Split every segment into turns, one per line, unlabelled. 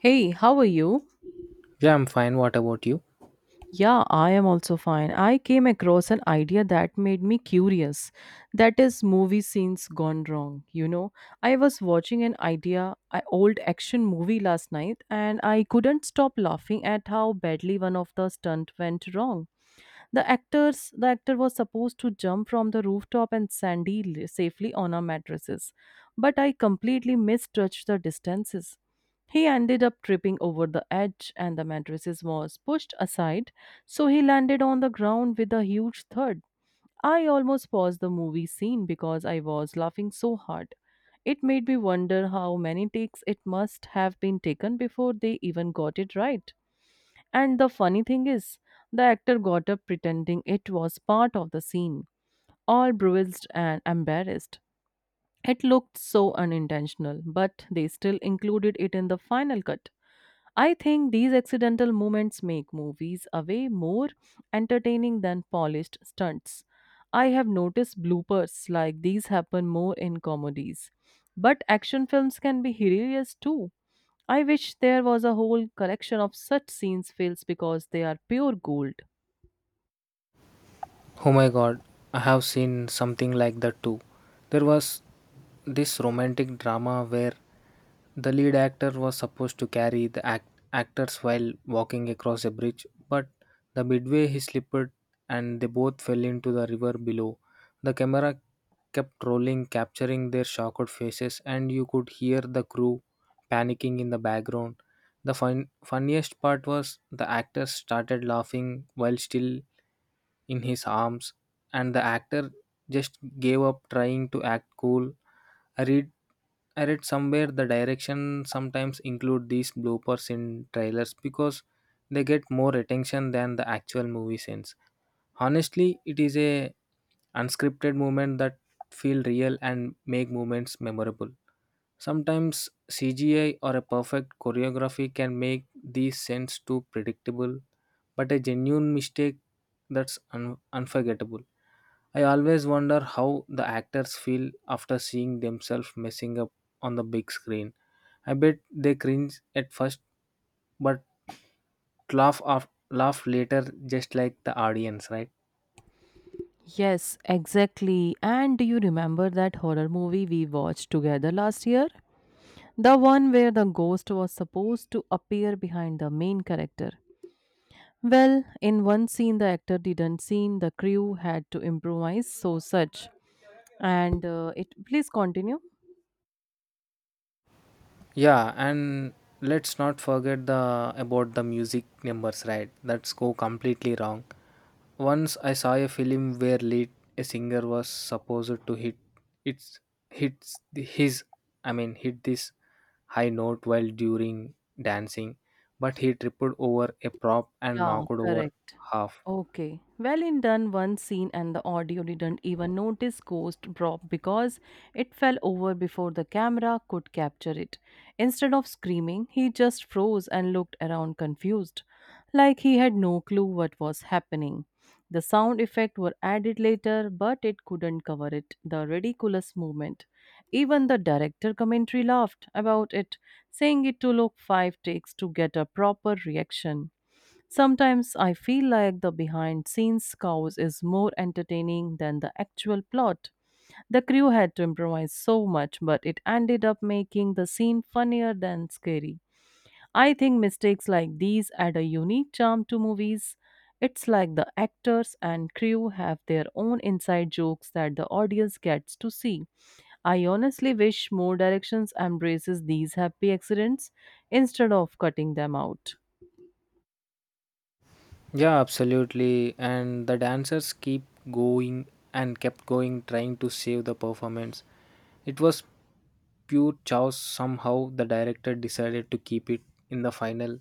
Hey, how are you?
Yeah, I'm fine. What about you?
Yeah, I am also fine. I came across an idea that made me curious. That is movie scenes gone wrong, you know. I was watching an old action movie last night and I couldn't stop laughing at how badly one of the stunt went wrong. The actor was supposed to jump from the rooftop and safely on our mattresses, but I completely misjudged the distances. He ended up tripping over the edge, and the mattresses was pushed aside, so he landed on the ground with a huge thud. I almost paused the movie scene because I was laughing so hard. It made me wonder how many takes it must have been taken before they even got it right. And the funny thing is, the actor got up pretending it was part of the scene, all bruised and embarrassed. It looked so unintentional, but they still included it in the final cut. I think these accidental moments make movies a way more entertaining than polished stunts. I have noticed bloopers like these happen more in comedies. But action films can be hilarious too. I wish there was a whole collection of such scenes fails because they are pure gold.
Oh my god, I have seen something like that too. There was this romantic drama where the lead actor was supposed to carry the actors while walking across a bridge, but the midway he slipped and they both fell into the river below. The camera kept rolling, capturing their shocked faces, and you could hear the crew panicking in the background. The funniest part was the actor started laughing while still in his arms, and the actor just gave up trying to act cool. I read I read somewhere the direction sometimes include these bloopers in trailers because they get more attention than the actual movie scenes. Honestly, it is a unscripted moment that feel real and make moments memorable. Sometimes CGI or a perfect choreography can make these scenes too predictable, but a genuine mistake unforgettable. I always wonder how the actors feel after seeing themselves messing up on the big screen. I bet they cringe at first, but laugh later, just like the audience, right?
Yes, exactly. And do you remember that horror movie we watched together last year? The one where the ghost was supposed to appear behind the main character. Well, in one scene, the actor didn't seen the crew had to improvise, so such. And it please continue.
Yeah, and let's not forget the about the music numbers, right? That's go completely wrong. Once I saw a film where lead a singer was supposed to hit its hits the- his I mean hit this high note while during dancing, but he tripped over a prop and
Yeah,
knocked over
correct.
half.
Okay. Well, in done one scene and the audio didn't even notice Ghost drop because it fell over before the camera could capture it. Instead of screaming, he just froze and looked around confused, like he had no clue what was happening. The sound effect were added later, but it couldn't cover it, the ridiculous moment. Even the director commentary laughed about it, saying it to look five takes to get a proper reaction. Sometimes I feel like the behind scenes chaos is more entertaining than the actual plot. The crew had to improvise so much, but it ended up making the scene funnier than scary. I think mistakes like these add a unique charm to movies. It's like the actors and crew have their own inside jokes that the audience gets to see. I honestly wish more directions embraces these happy accidents instead of cutting them out.
Yeah, absolutely. And the dancers keep going and kept going trying to save the performance. It was pure chaos, somehow the director decided to keep it in the final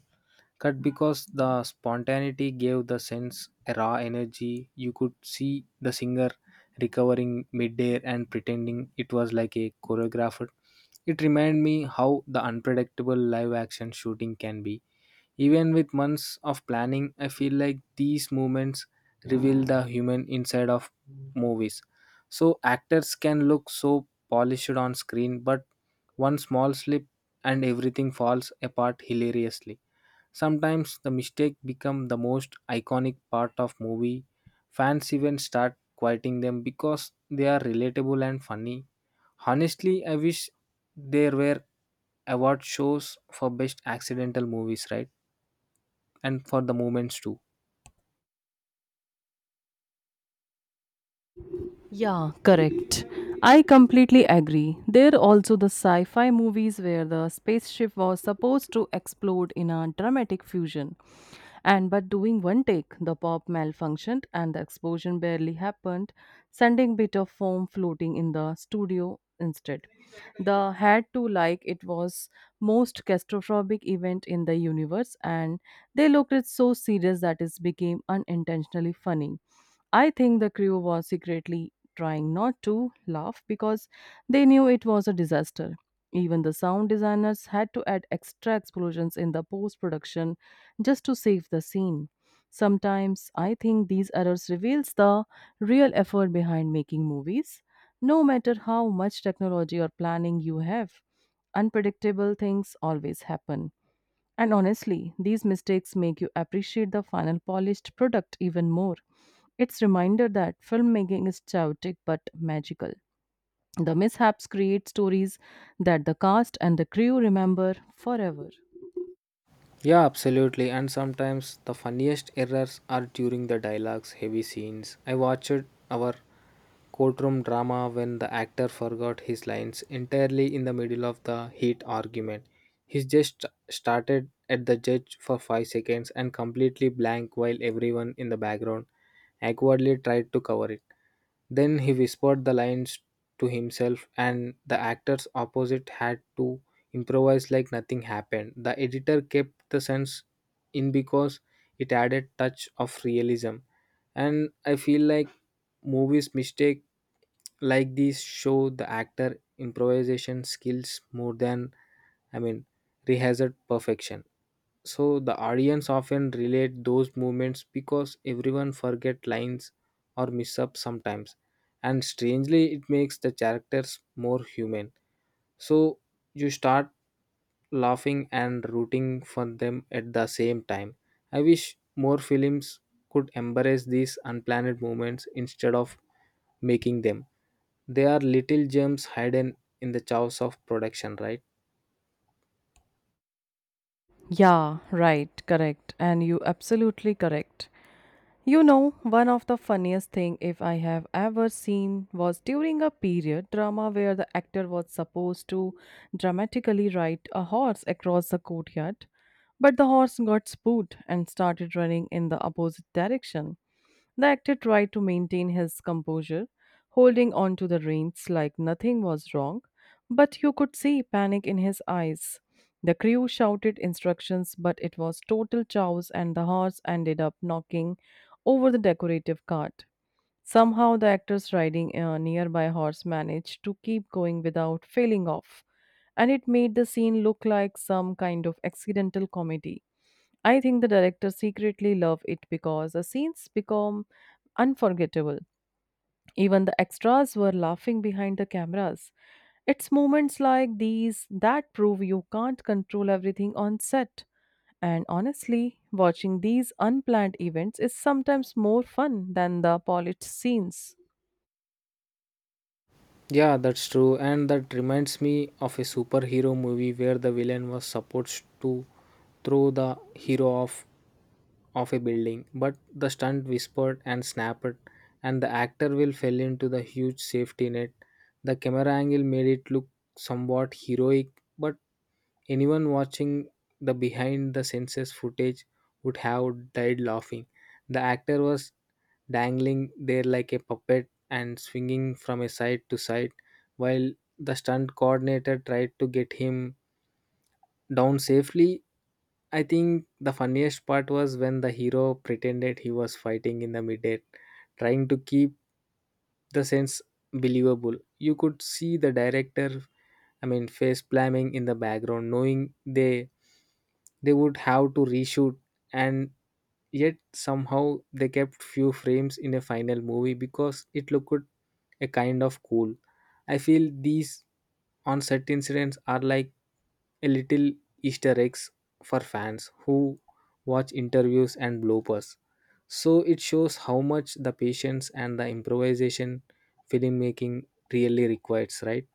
cut because the spontaneity gave the sense a raw energy. You could see the singer recovering midair and pretending it was like a choreographer. It reminded me how the unpredictable live action shooting can be. Even with months of planning, I feel like these moments reveal the human inside of movies. So actors can look so polished on screen, but one small slip and everything falls apart hilariously. Sometimes the mistake become the most iconic part of movie. Fans even start quoting them because they are relatable and funny. Honestly, I wish there were award shows for best accidental movies, right? And for the moments too.
Yeah, correct. I completely agree. There are also the sci fi movies where the spaceship was supposed to explode in a dramatic fusion. And but doing one take, the pop malfunctioned and the explosion barely happened, sending bit of foam floating in the studio instead. The had to like it was most catastrophic event in the universe and they looked it so serious that it became unintentionally funny. I think the crew was secretly trying not to laugh because they knew it was a disaster. Even the sound designers had to add extra explosions in the post production just to save the scene. Sometimes I think these errors reveals the real effort behind making movies. No matter how much technology or planning you have, unpredictable things always happen. And honestly, these mistakes make you appreciate the final polished product even more. It's reminder that filmmaking is chaotic but magical. The mishaps create stories that the cast and the crew remember forever.
Yeah, absolutely. And sometimes the funniest errors are during the dialogues, heavy scenes. I watched our courtroom drama when the actor forgot his lines entirely in the middle of the heat argument. He just started at the judge for 5 seconds and completely blank while everyone in the background awkwardly tried to cover it. Then he whispered the lines to himself, and the actors opposite had to improvised like nothing happened. The editor kept the sense in because it added touch of realism. And I feel like movies mistake like these show the actor improvisation skills more than I mean rehearsed perfection. So the audience often relate those moments because everyone forget lines or miss up sometimes. And strangely it makes the characters more human, so you start laughing and rooting for them at the same time. I wish more films could embrace these unplanned moments instead of making them. They are little gems hidden in the chaos of production, right?
Yeah, right, correct. And you absolutely correct. You know, one of the funniest thing if I have ever seen was during a period drama where the actor was supposed to dramatically ride a horse across the courtyard, but the horse got spooked and started running in the opposite direction. The actor tried to maintain his composure, holding on to the reins like nothing was wrong, but you could see panic in his eyes. The crew shouted instructions, but it was total chaos, and the horse ended up knocking over the decorative cart. Somehow, the actors riding a nearby horse managed to keep going without failing off, and it made the scene look like some kind of accidental comedy. I think the director secretly loved it because the scenes become unforgettable. Even the extras were laughing behind the cameras. It's moments like these that prove you can't control everything on set. And honestly, watching these unplanned events is sometimes more fun than the polished scenes.
Yeah, that's true. And that reminds me of a superhero movie where the villain was supposed to throw the hero off of a building, but the stunt whispered and snapped, and the actor will fell into the huge safety net. The camera angle made it look somewhat heroic, but anyone watching the behind the senses footage would have died laughing. The actor was dangling there like a puppet and swinging from a side to side, while the stunt coordinator tried to get him down safely. I think the funniest part was when the hero pretended he was fighting in the midair, trying to keep the sense believable. You could see the director, face planning in the background, knowing they would have to reshoot, and yet somehow they kept few frames in a final movie because it looked a kind of cool. I feel these on set incidents are like a little Easter eggs for fans who watch interviews and bloopers. So it shows how much the patience and the improvisation filmmaking really requires, right?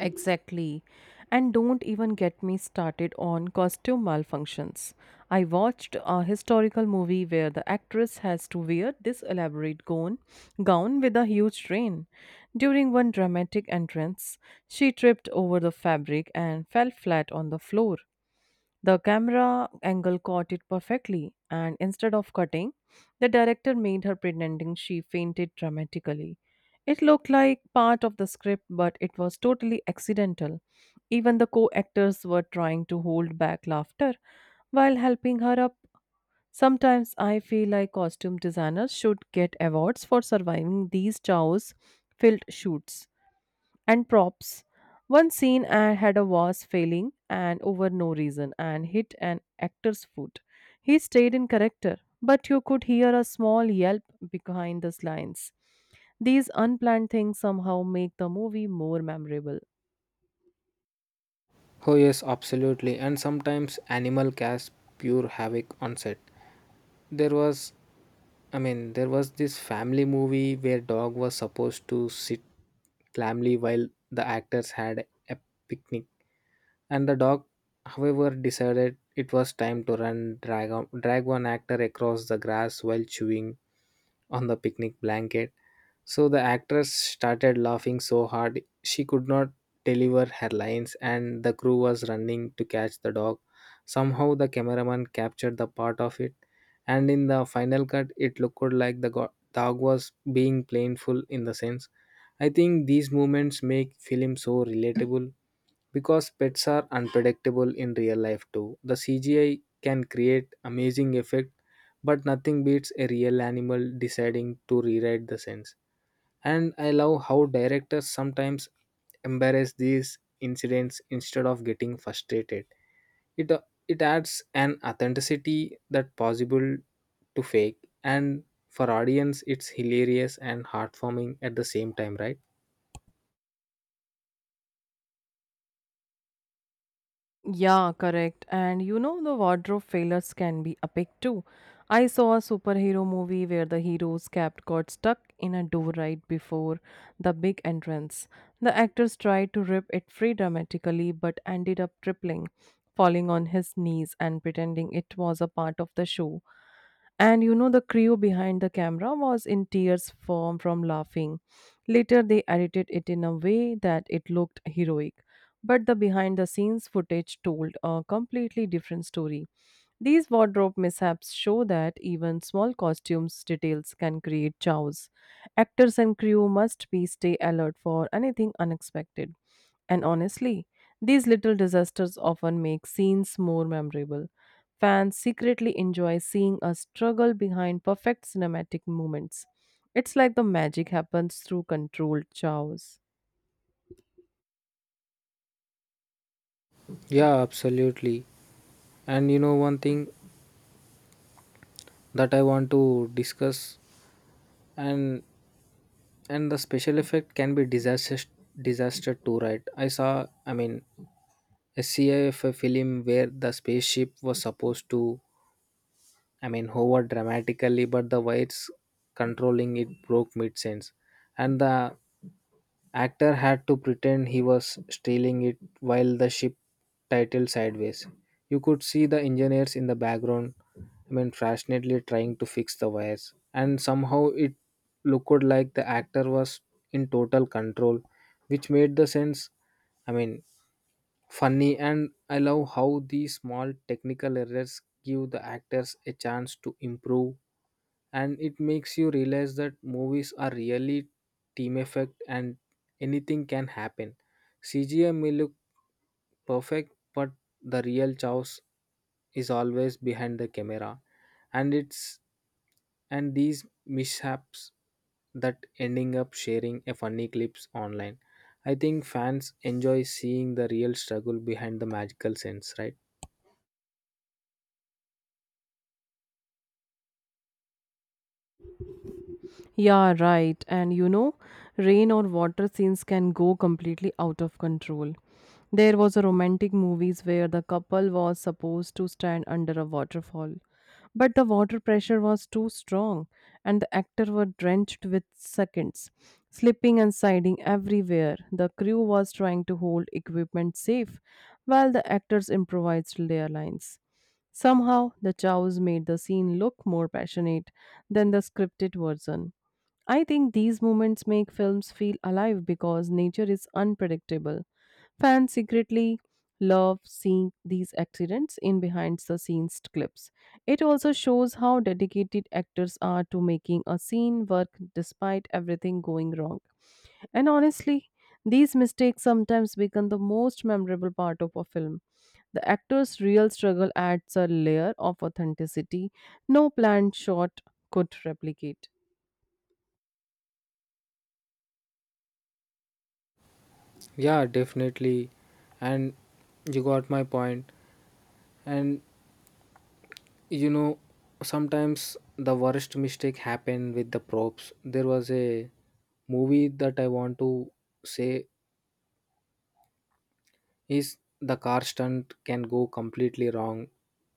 Exactly. And don't even get me started on costume malfunctions. I watched a historical movie where the actress has to wear this elaborate gown with a huge train. During one dramatic entrance, she tripped over the fabric and fell flat on the floor. The camera angle caught it perfectly, and instead of cutting, the director made her pretending she fainted dramatically. It looked like part of the script, but it was totally accidental. Even the co actors were trying to hold back laughter while helping her up. Sometimes I feel like costume designers should get awards for surviving these chaos filled shoots and props. One scene I had a was failing and over no reason and hit an actor's foot. He stayed in character, but you could hear a small yelp behind the lines. These unplanned things somehow make the movie more memorable.
Oh, yes, absolutely. And sometimes animal casts pure havoc on set. There was there was this family movie where dog was supposed to sit calmly while the actors had a picnic, and the dog however decided it was time to drag one actor across the grass while chewing on the picnic blanket. So the actress started laughing so hard she could not deliver her lines, and the crew was running to catch the dog. Somehow, the cameraman captured the part of it, and in the final cut, it looked like the dog was being playful in the sense. I think these moments make film so relatable because pets are unpredictable in real life too. The CGI can create amazing effect, but nothing beats a real animal deciding to rewrite the sense. And I love how directors sometimes embarrass these incidents instead of getting frustrated. It it adds an authenticity that possible to fake, and for audience it's hilarious and heartwarming at the same time, right?
Yeah, correct. And you know, the wardrobe failures can be epic too. I saw a superhero movie where the hero's cap got stuck in a door right before the big entrance. The actors tried to rip it free dramatically but ended up tripping, falling on his knees, and pretending it was a part of the show. And you know, the crew behind the camera was in tears from laughing. Later, they edited it in a way that it looked heroic. But the behind the scenes footage told a completely different story. These wardrobe mishaps show that even small costumes details can create chaos. Actors and crew must be stay alert for anything unexpected. And honestly, these little disasters often make scenes more memorable. Fans secretly enjoy seeing a struggle behind perfect cinematic moments. It's like the magic happens through controlled chows.
Yeah, absolutely. And you know, one thing that I want to discuss, and and the special effect can be disaster too, right? I saw I mean A CIF film where the spaceship was supposed to, hovered dramatically, but the weights controlling it broke mid sentence, and the actor had to pretend he was stealing it while the ship titled sideways. You could see the engineers in the background, passionately trying to fix the wires, and somehow it looked like the actor was in total control, which made the sense, I mean, funny. And I love how these small technical errors give the actors a chance to improve, and it makes you realize that movies are really team effect and anything can happen. CGI may look perfect, but the real chaos is always behind the camera, and it's and these mishaps that ending up sharing a funny clips online. I think fans enjoy seeing the real struggle behind the magical sense, right?
Yeah, right. And you know, rain or water scenes can go completely out of control. There was a romantic movies where the couple was supposed to stand under a waterfall, but the water pressure was too strong and the actor were drenched with seconds, slipping and sliding everywhere. The crew was trying to hold equipment safe while the actors improvised their lines. Somehow, the chows made the scene look more passionate than the scripted version. I think these moments make films feel alive because nature is unpredictable. Fans secretly love seeing these accidents in behind the scenes clips. It also shows how dedicated actors are to making a scene work despite everything going wrong. And honestly, these mistakes sometimes become the most memorable part of a film. The actor's real struggle adds a layer of authenticity. No planned shot could replicate.
Yeah, definitely. And you got my point. And you know, sometimes the worst mistake happened with the props. There was a movie that I want to say is the car stunt can go completely wrong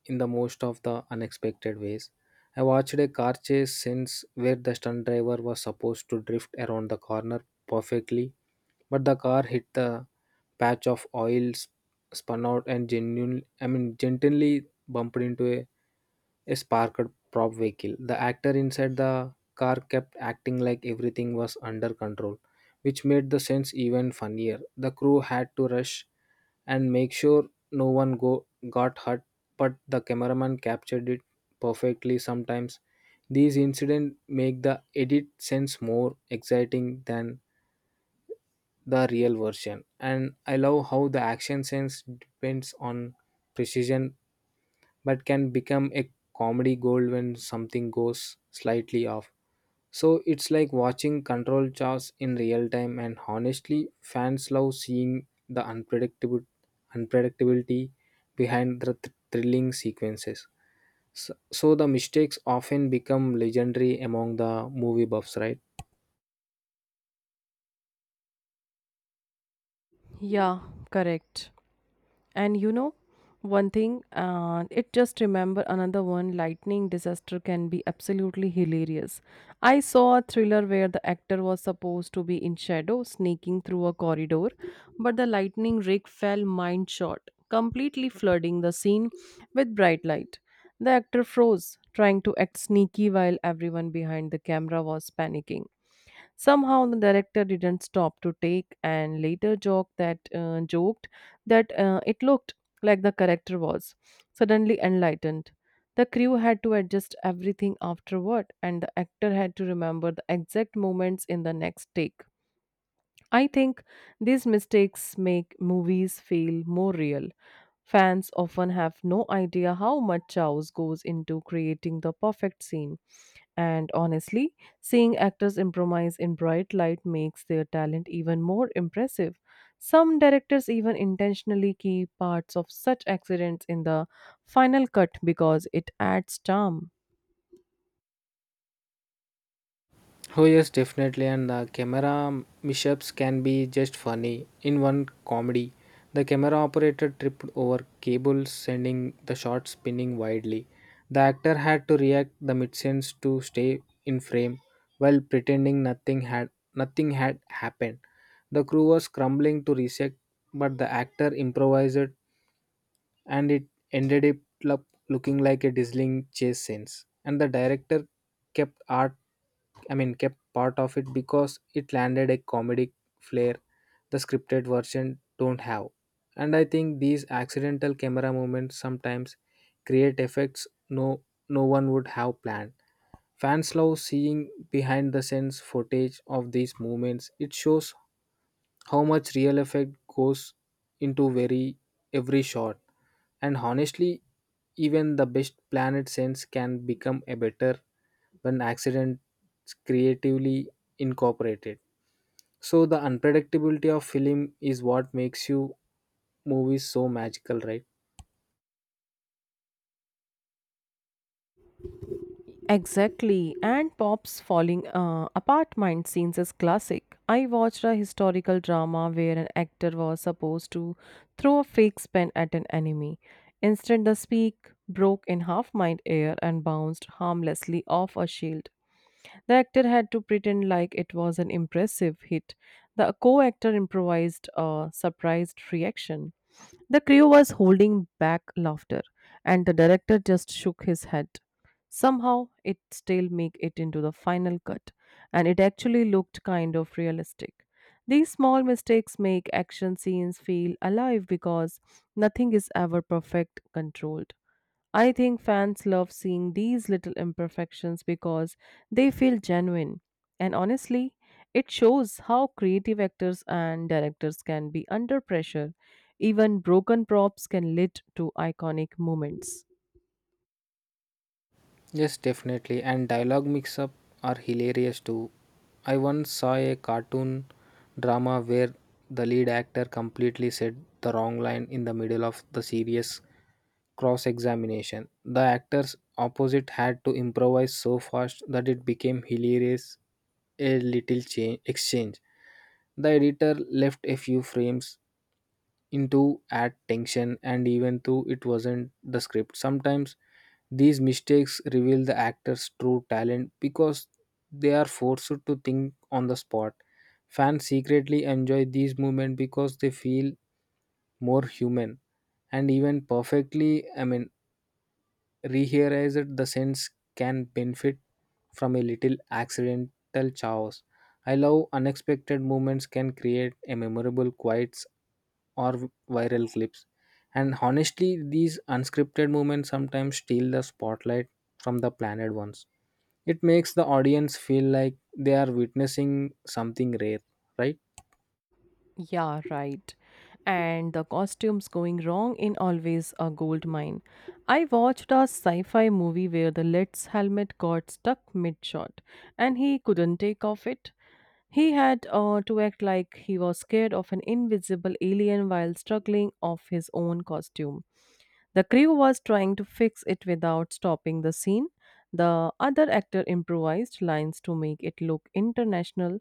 in the most of the unexpected ways. I watched a car chase since where the stunt driver was supposed to drift around the corner perfectly, but the car hit the patch of oil, spun out, and gently bumped into a sparked prop vehicle. The actor inside the car kept acting like everything was under control, which made the sense even funnier. The crew had to rush and make sure no one go got hurt, but the cameraman captured it perfectly. Sometimes these incidents make the edit sense more exciting than the real version, and I love how the action sense depends on precision but can become a comedy gold when something goes slightly off. So it's like watching control charts in real time, and honestly, fans love seeing the unpredictable unpredictability behind the thrilling sequences. So the mistakes often become legendary among the movie buffs, right?
Yeah, correct. And you know, one thing, it just remember another one lightning disaster can be absolutely hilarious. I saw a thriller where the actor was supposed to be in shadow sneaking through a corridor, but the lightning rig fell mind short, completely flooding the scene with bright light. The actor froze, trying to act sneaky while everyone behind the camera was panicking. Somehow the director didn't stop to take and later joked that it looked like the character was suddenly enlightened. The crew had to adjust everything afterward, and the actor had to remember the exact moments in the next take. I think these mistakes make movies feel more real. Fans often have no idea how much chaos goes into creating the perfect scene. And honestly, seeing actors improvise in bright light makes their talent even more impressive. Some directors even intentionally keep parts of such accidents in the final cut because it adds charm.
Oh, yes, definitely. And the camera mishaps can be just funny. In one comedy, the camera operator tripped over cables, sending the shot spinning widely. The actor had to react the mid-sense to stay in frame while pretending nothing had happened. The crew was scrambling to reset, but the actor improvised and it ended up looking like a dazzling chase scenes. And the director kept art, I mean, kept part of it because it landed a comedic flair the scripted version don't have. And I think these accidental camera movements sometimes create effects no one would have planned. Fans love seeing behind the scenes footage of these moments. It shows how much real effect goes into very every shot. And honestly, even the best planet sense can become a better when accidents creatively incorporated. So the unpredictability of film is what makes you movies so magical, right?
Exactly, and Pop's falling apartment scenes is classic. I watched a historical drama where an actor was supposed to throw a fake pen at an enemy. Instead, the speak broke in half mind air and bounced harmlessly off a shield. The actor had to pretend like it was an impressive hit. The co actor improvised a surprised reaction. The crew was holding back laughter, and the director just shook his head. Somehow, it still made it into the final cut, and it actually looked kind of realistic. These small mistakes make action scenes feel alive because nothing is ever perfect controlled. I think fans love seeing these little imperfections because they feel genuine. And honestly, it shows how creative actors and directors can be under pressure. Even broken props can lead to iconic moments.
Yes, definitely. And dialogue mix up are hilarious too. I once saw a cartoon drama where the lead actor completely said the wrong line in the middle of the serious cross examination. The actors opposite had to improvise so fast that it became hilarious a little change exchange. The editor left a few frames into add tension and even though it wasn't the script. Sometimes these mistakes reveal the actor's true talent because they are forced to think on the spot. Fans secretly enjoy these moments because they feel more human, and even perfectly, rehearized the sense can benefit from a little accidental chaos. I love unexpected moments can create a memorable quiets or viral clips. And honestly, these unscripted moments sometimes steal the spotlight from the planned ones. It makes the audience feel like they are witnessing something rare, right?
Yeah, right. And the costumes going wrong in always a gold mine. I watched a sci fi movie where the lead's helmet got stuck mid shot and he couldn't take off it. He had to act like he was scared of an invisible alien while struggling off his own costume. The crew was trying to fix it without stopping the scene. The other actor improvised lines to make it look international.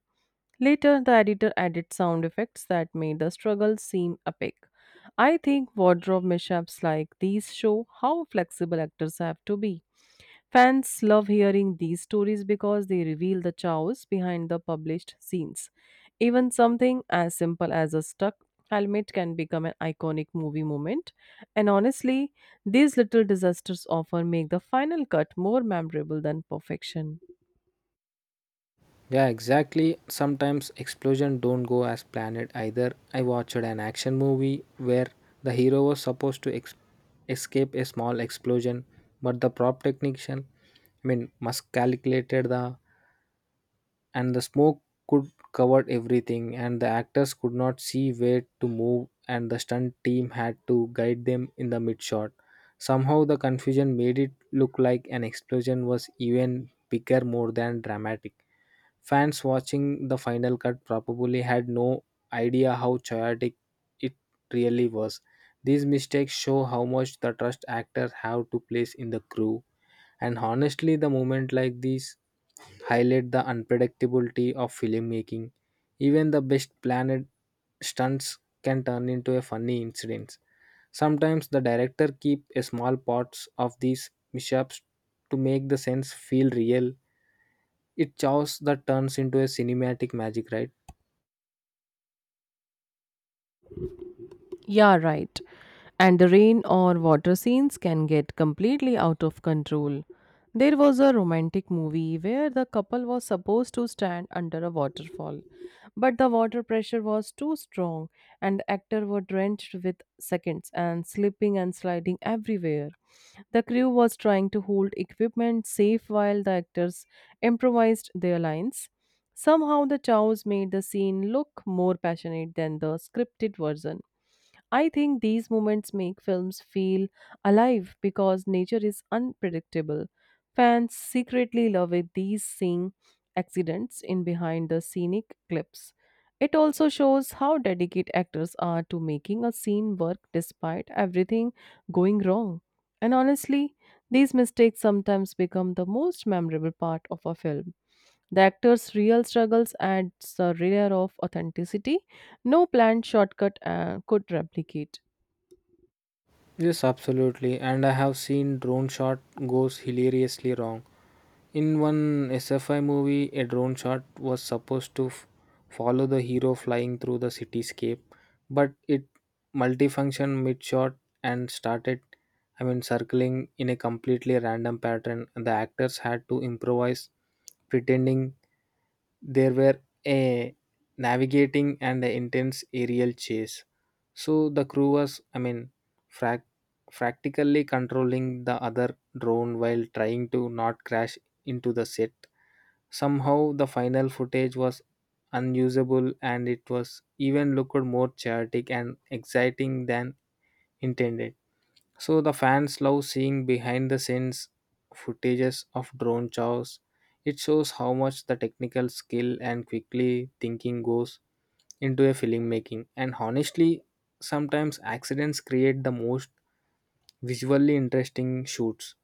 Later, the editor added sound effects that made the struggle seem epic. I think wardrobe mishaps like these show how flexible actors have to be. Fans love hearing these stories because they reveal the chaos behind the published scenes. Even something as simple as a stuck helmet can become an iconic movie moment. And honestly, these little disasters often make the final cut more memorable than perfection.
Yeah, exactly. Sometimes explosion don't go as planned either. I watched an action movie where the hero was supposed to escape a small explosion, but the prop technician, miscalculated the and the smoke could cover everything, and the actors could not see where to move, and the stunt team had to guide them in the mid shot. Somehow, the confusion made it look like an explosion was even bigger, more than dramatic. Fans watching the final cut probably had no idea how chaotic it really was. These mistakes show how much the trust actors have to place in the crew. And honestly, the moment like these highlight the unpredictability of filmmaking. Even the best planned stunts can turn into a funny incident. Sometimes the director keep a small parts of these mishaps to make the sense feel real it chaos that turns into a cinematic magic, right?
Yeah, right. And the rain or water scenes can get completely out of control. There was a romantic movie where the couple was supposed to stand under a waterfall, but the water pressure was too strong and the actors were drenched with seconds and slipping and sliding everywhere. The crew was trying to hold equipment safe while the actors improvised their lines. Somehow, the chows made the scene look more passionate than the scripted version. I think these moments make films feel alive because nature is unpredictable. Fans secretly love it, these seeing accidents in behind the scenic clips. It also shows how dedicated actors are to making a scene work despite everything going wrong. And honestly, these mistakes sometimes become the most memorable part of a film. The actor's real struggles adds a layer of authenticity no planned shortcut could replicate.
Yes, absolutely. And I have seen drone shot goes hilariously wrong. In one SFI movie, a drone shot was supposed to follow the hero flying through the cityscape, but it multifunctioned mid shot and started, circling in a completely random pattern. The actors had to improvise, pretending there were a navigating and a intense aerial chase. So the crew was frac- practically controlling the other drone while trying to not crash into the set. Somehow the final footage was unusable and it was even looked more chaotic and exciting than intended. So the fans love seeing behind the scenes footages of drone chows. It shows how much the technical skill and quickly thinking goes into a filmmaking. And honestly, sometimes accidents create the most visually interesting shoots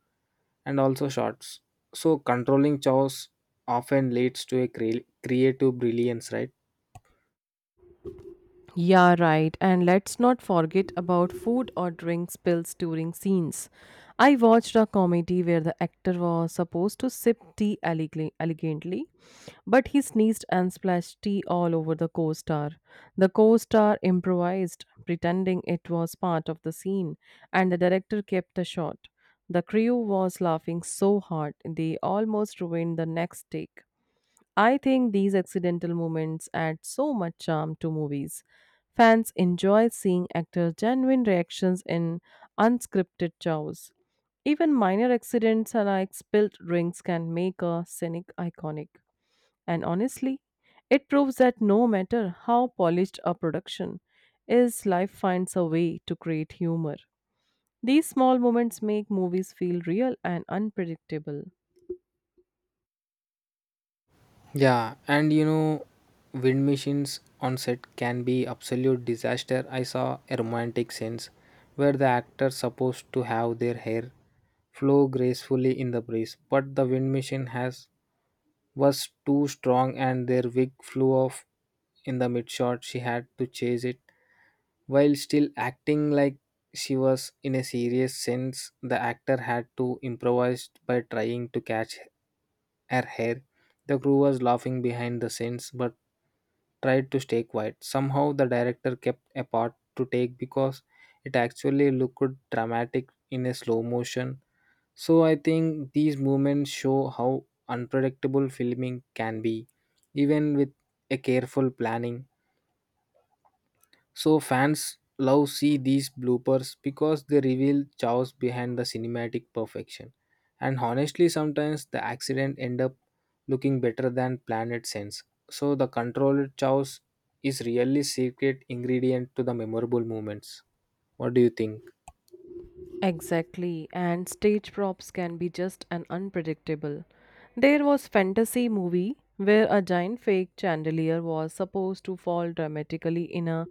and also shots. So controlling chows often leads to a creative brilliance, right?
Yeah, right. And let's not forget about food or drink spills during scenes. I watched a comedy where the actor was supposed to sip tea elegantly, but he sneezed and splashed tea all over the co star. The co star improvised, pretending it was part of the scene, and the director kept the shot. The crew was laughing so hard they almost ruined the next take. I think these accidental moments add so much charm to movies. Fans enjoy seeing actors' genuine reactions in unscripted chows. Even minor accidents like spilled drinks can make a scenic iconic. And honestly, it proves that no matter how polished a production is, life finds a way to create humor. These small moments make movies feel real and unpredictable.
Yeah, and you know, wind machines on set can be absolute disaster. I saw a romantic scenes where the actors supposed to have their hair flow gracefully in the breeze, but the wind machine has was too strong and their wig flew off in the mid shot. She had to chase it while still acting like she was in a serious sense. The actor had to improvise by trying to catch her hair. The crew was laughing behind the scenes but tried to stay quiet. Somehow, the director kept a part to take because it actually looked dramatic in a slow motion. So I think these moments show how unpredictable filming can be, even with a careful planning. So fans love see these bloopers because they reveal chaos behind the cinematic perfection. And honestly, sometimes the accident end up looking better than planned it sense. So the controlled chaos is really secret ingredient to the memorable moments. What do you think?
Exactly, and stage props can be just an unpredictable. There was fantasy movie where a giant fake chandelier was supposed to fall dramatically in a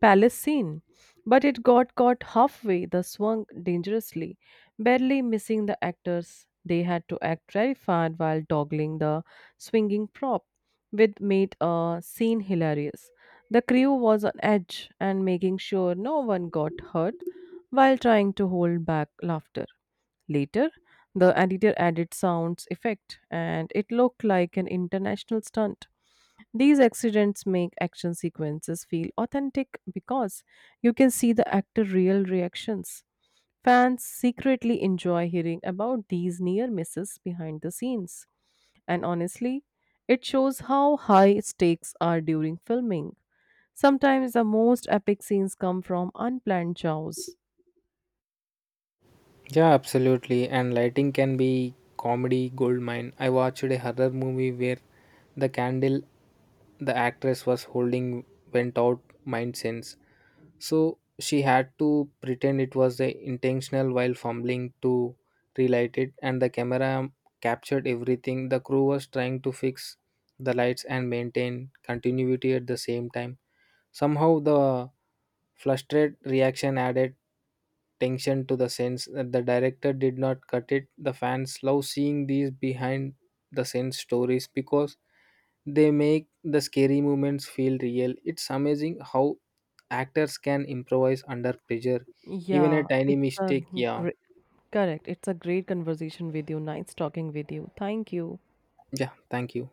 palace scene, but it got caught halfway, the swung dangerously, barely missing the actors. They had to act terrified while toggling the swinging prop, which made a scene hilarious. The crew was on edge and making sure no one got hurt while trying to hold back laughter. Later, the editor added sounds effect and it looked like an international stunt. These accidents make action sequences feel authentic because you can see the actor real reactions. Fans secretly enjoy hearing about these near misses behind the scenes. And honestly, it shows how high stakes are during filming. Sometimes the most epic scenes come from unplanned chows.
Yeah, absolutely. And lighting can be comedy goldmine. I watched a horror movie where the candle the actress was holding went out mind sense. So she had to pretend it was a intentional while fumbling to relight it and the camera captured everything. The crew was trying to fix the lights and maintain continuity at the same time. Somehow the Flustered reaction added tension to the scenes that the director did not cut it. The fans love seeing these behind the scenes stories because they make the scary moments feel real. It's amazing how actors can improvise under pressure, even a
Yeah,
tiny
it's a
mistake. Yeah,
great, correct. It's a great conversation with you. Nice talking with you. Thank you.
yeah, thank you.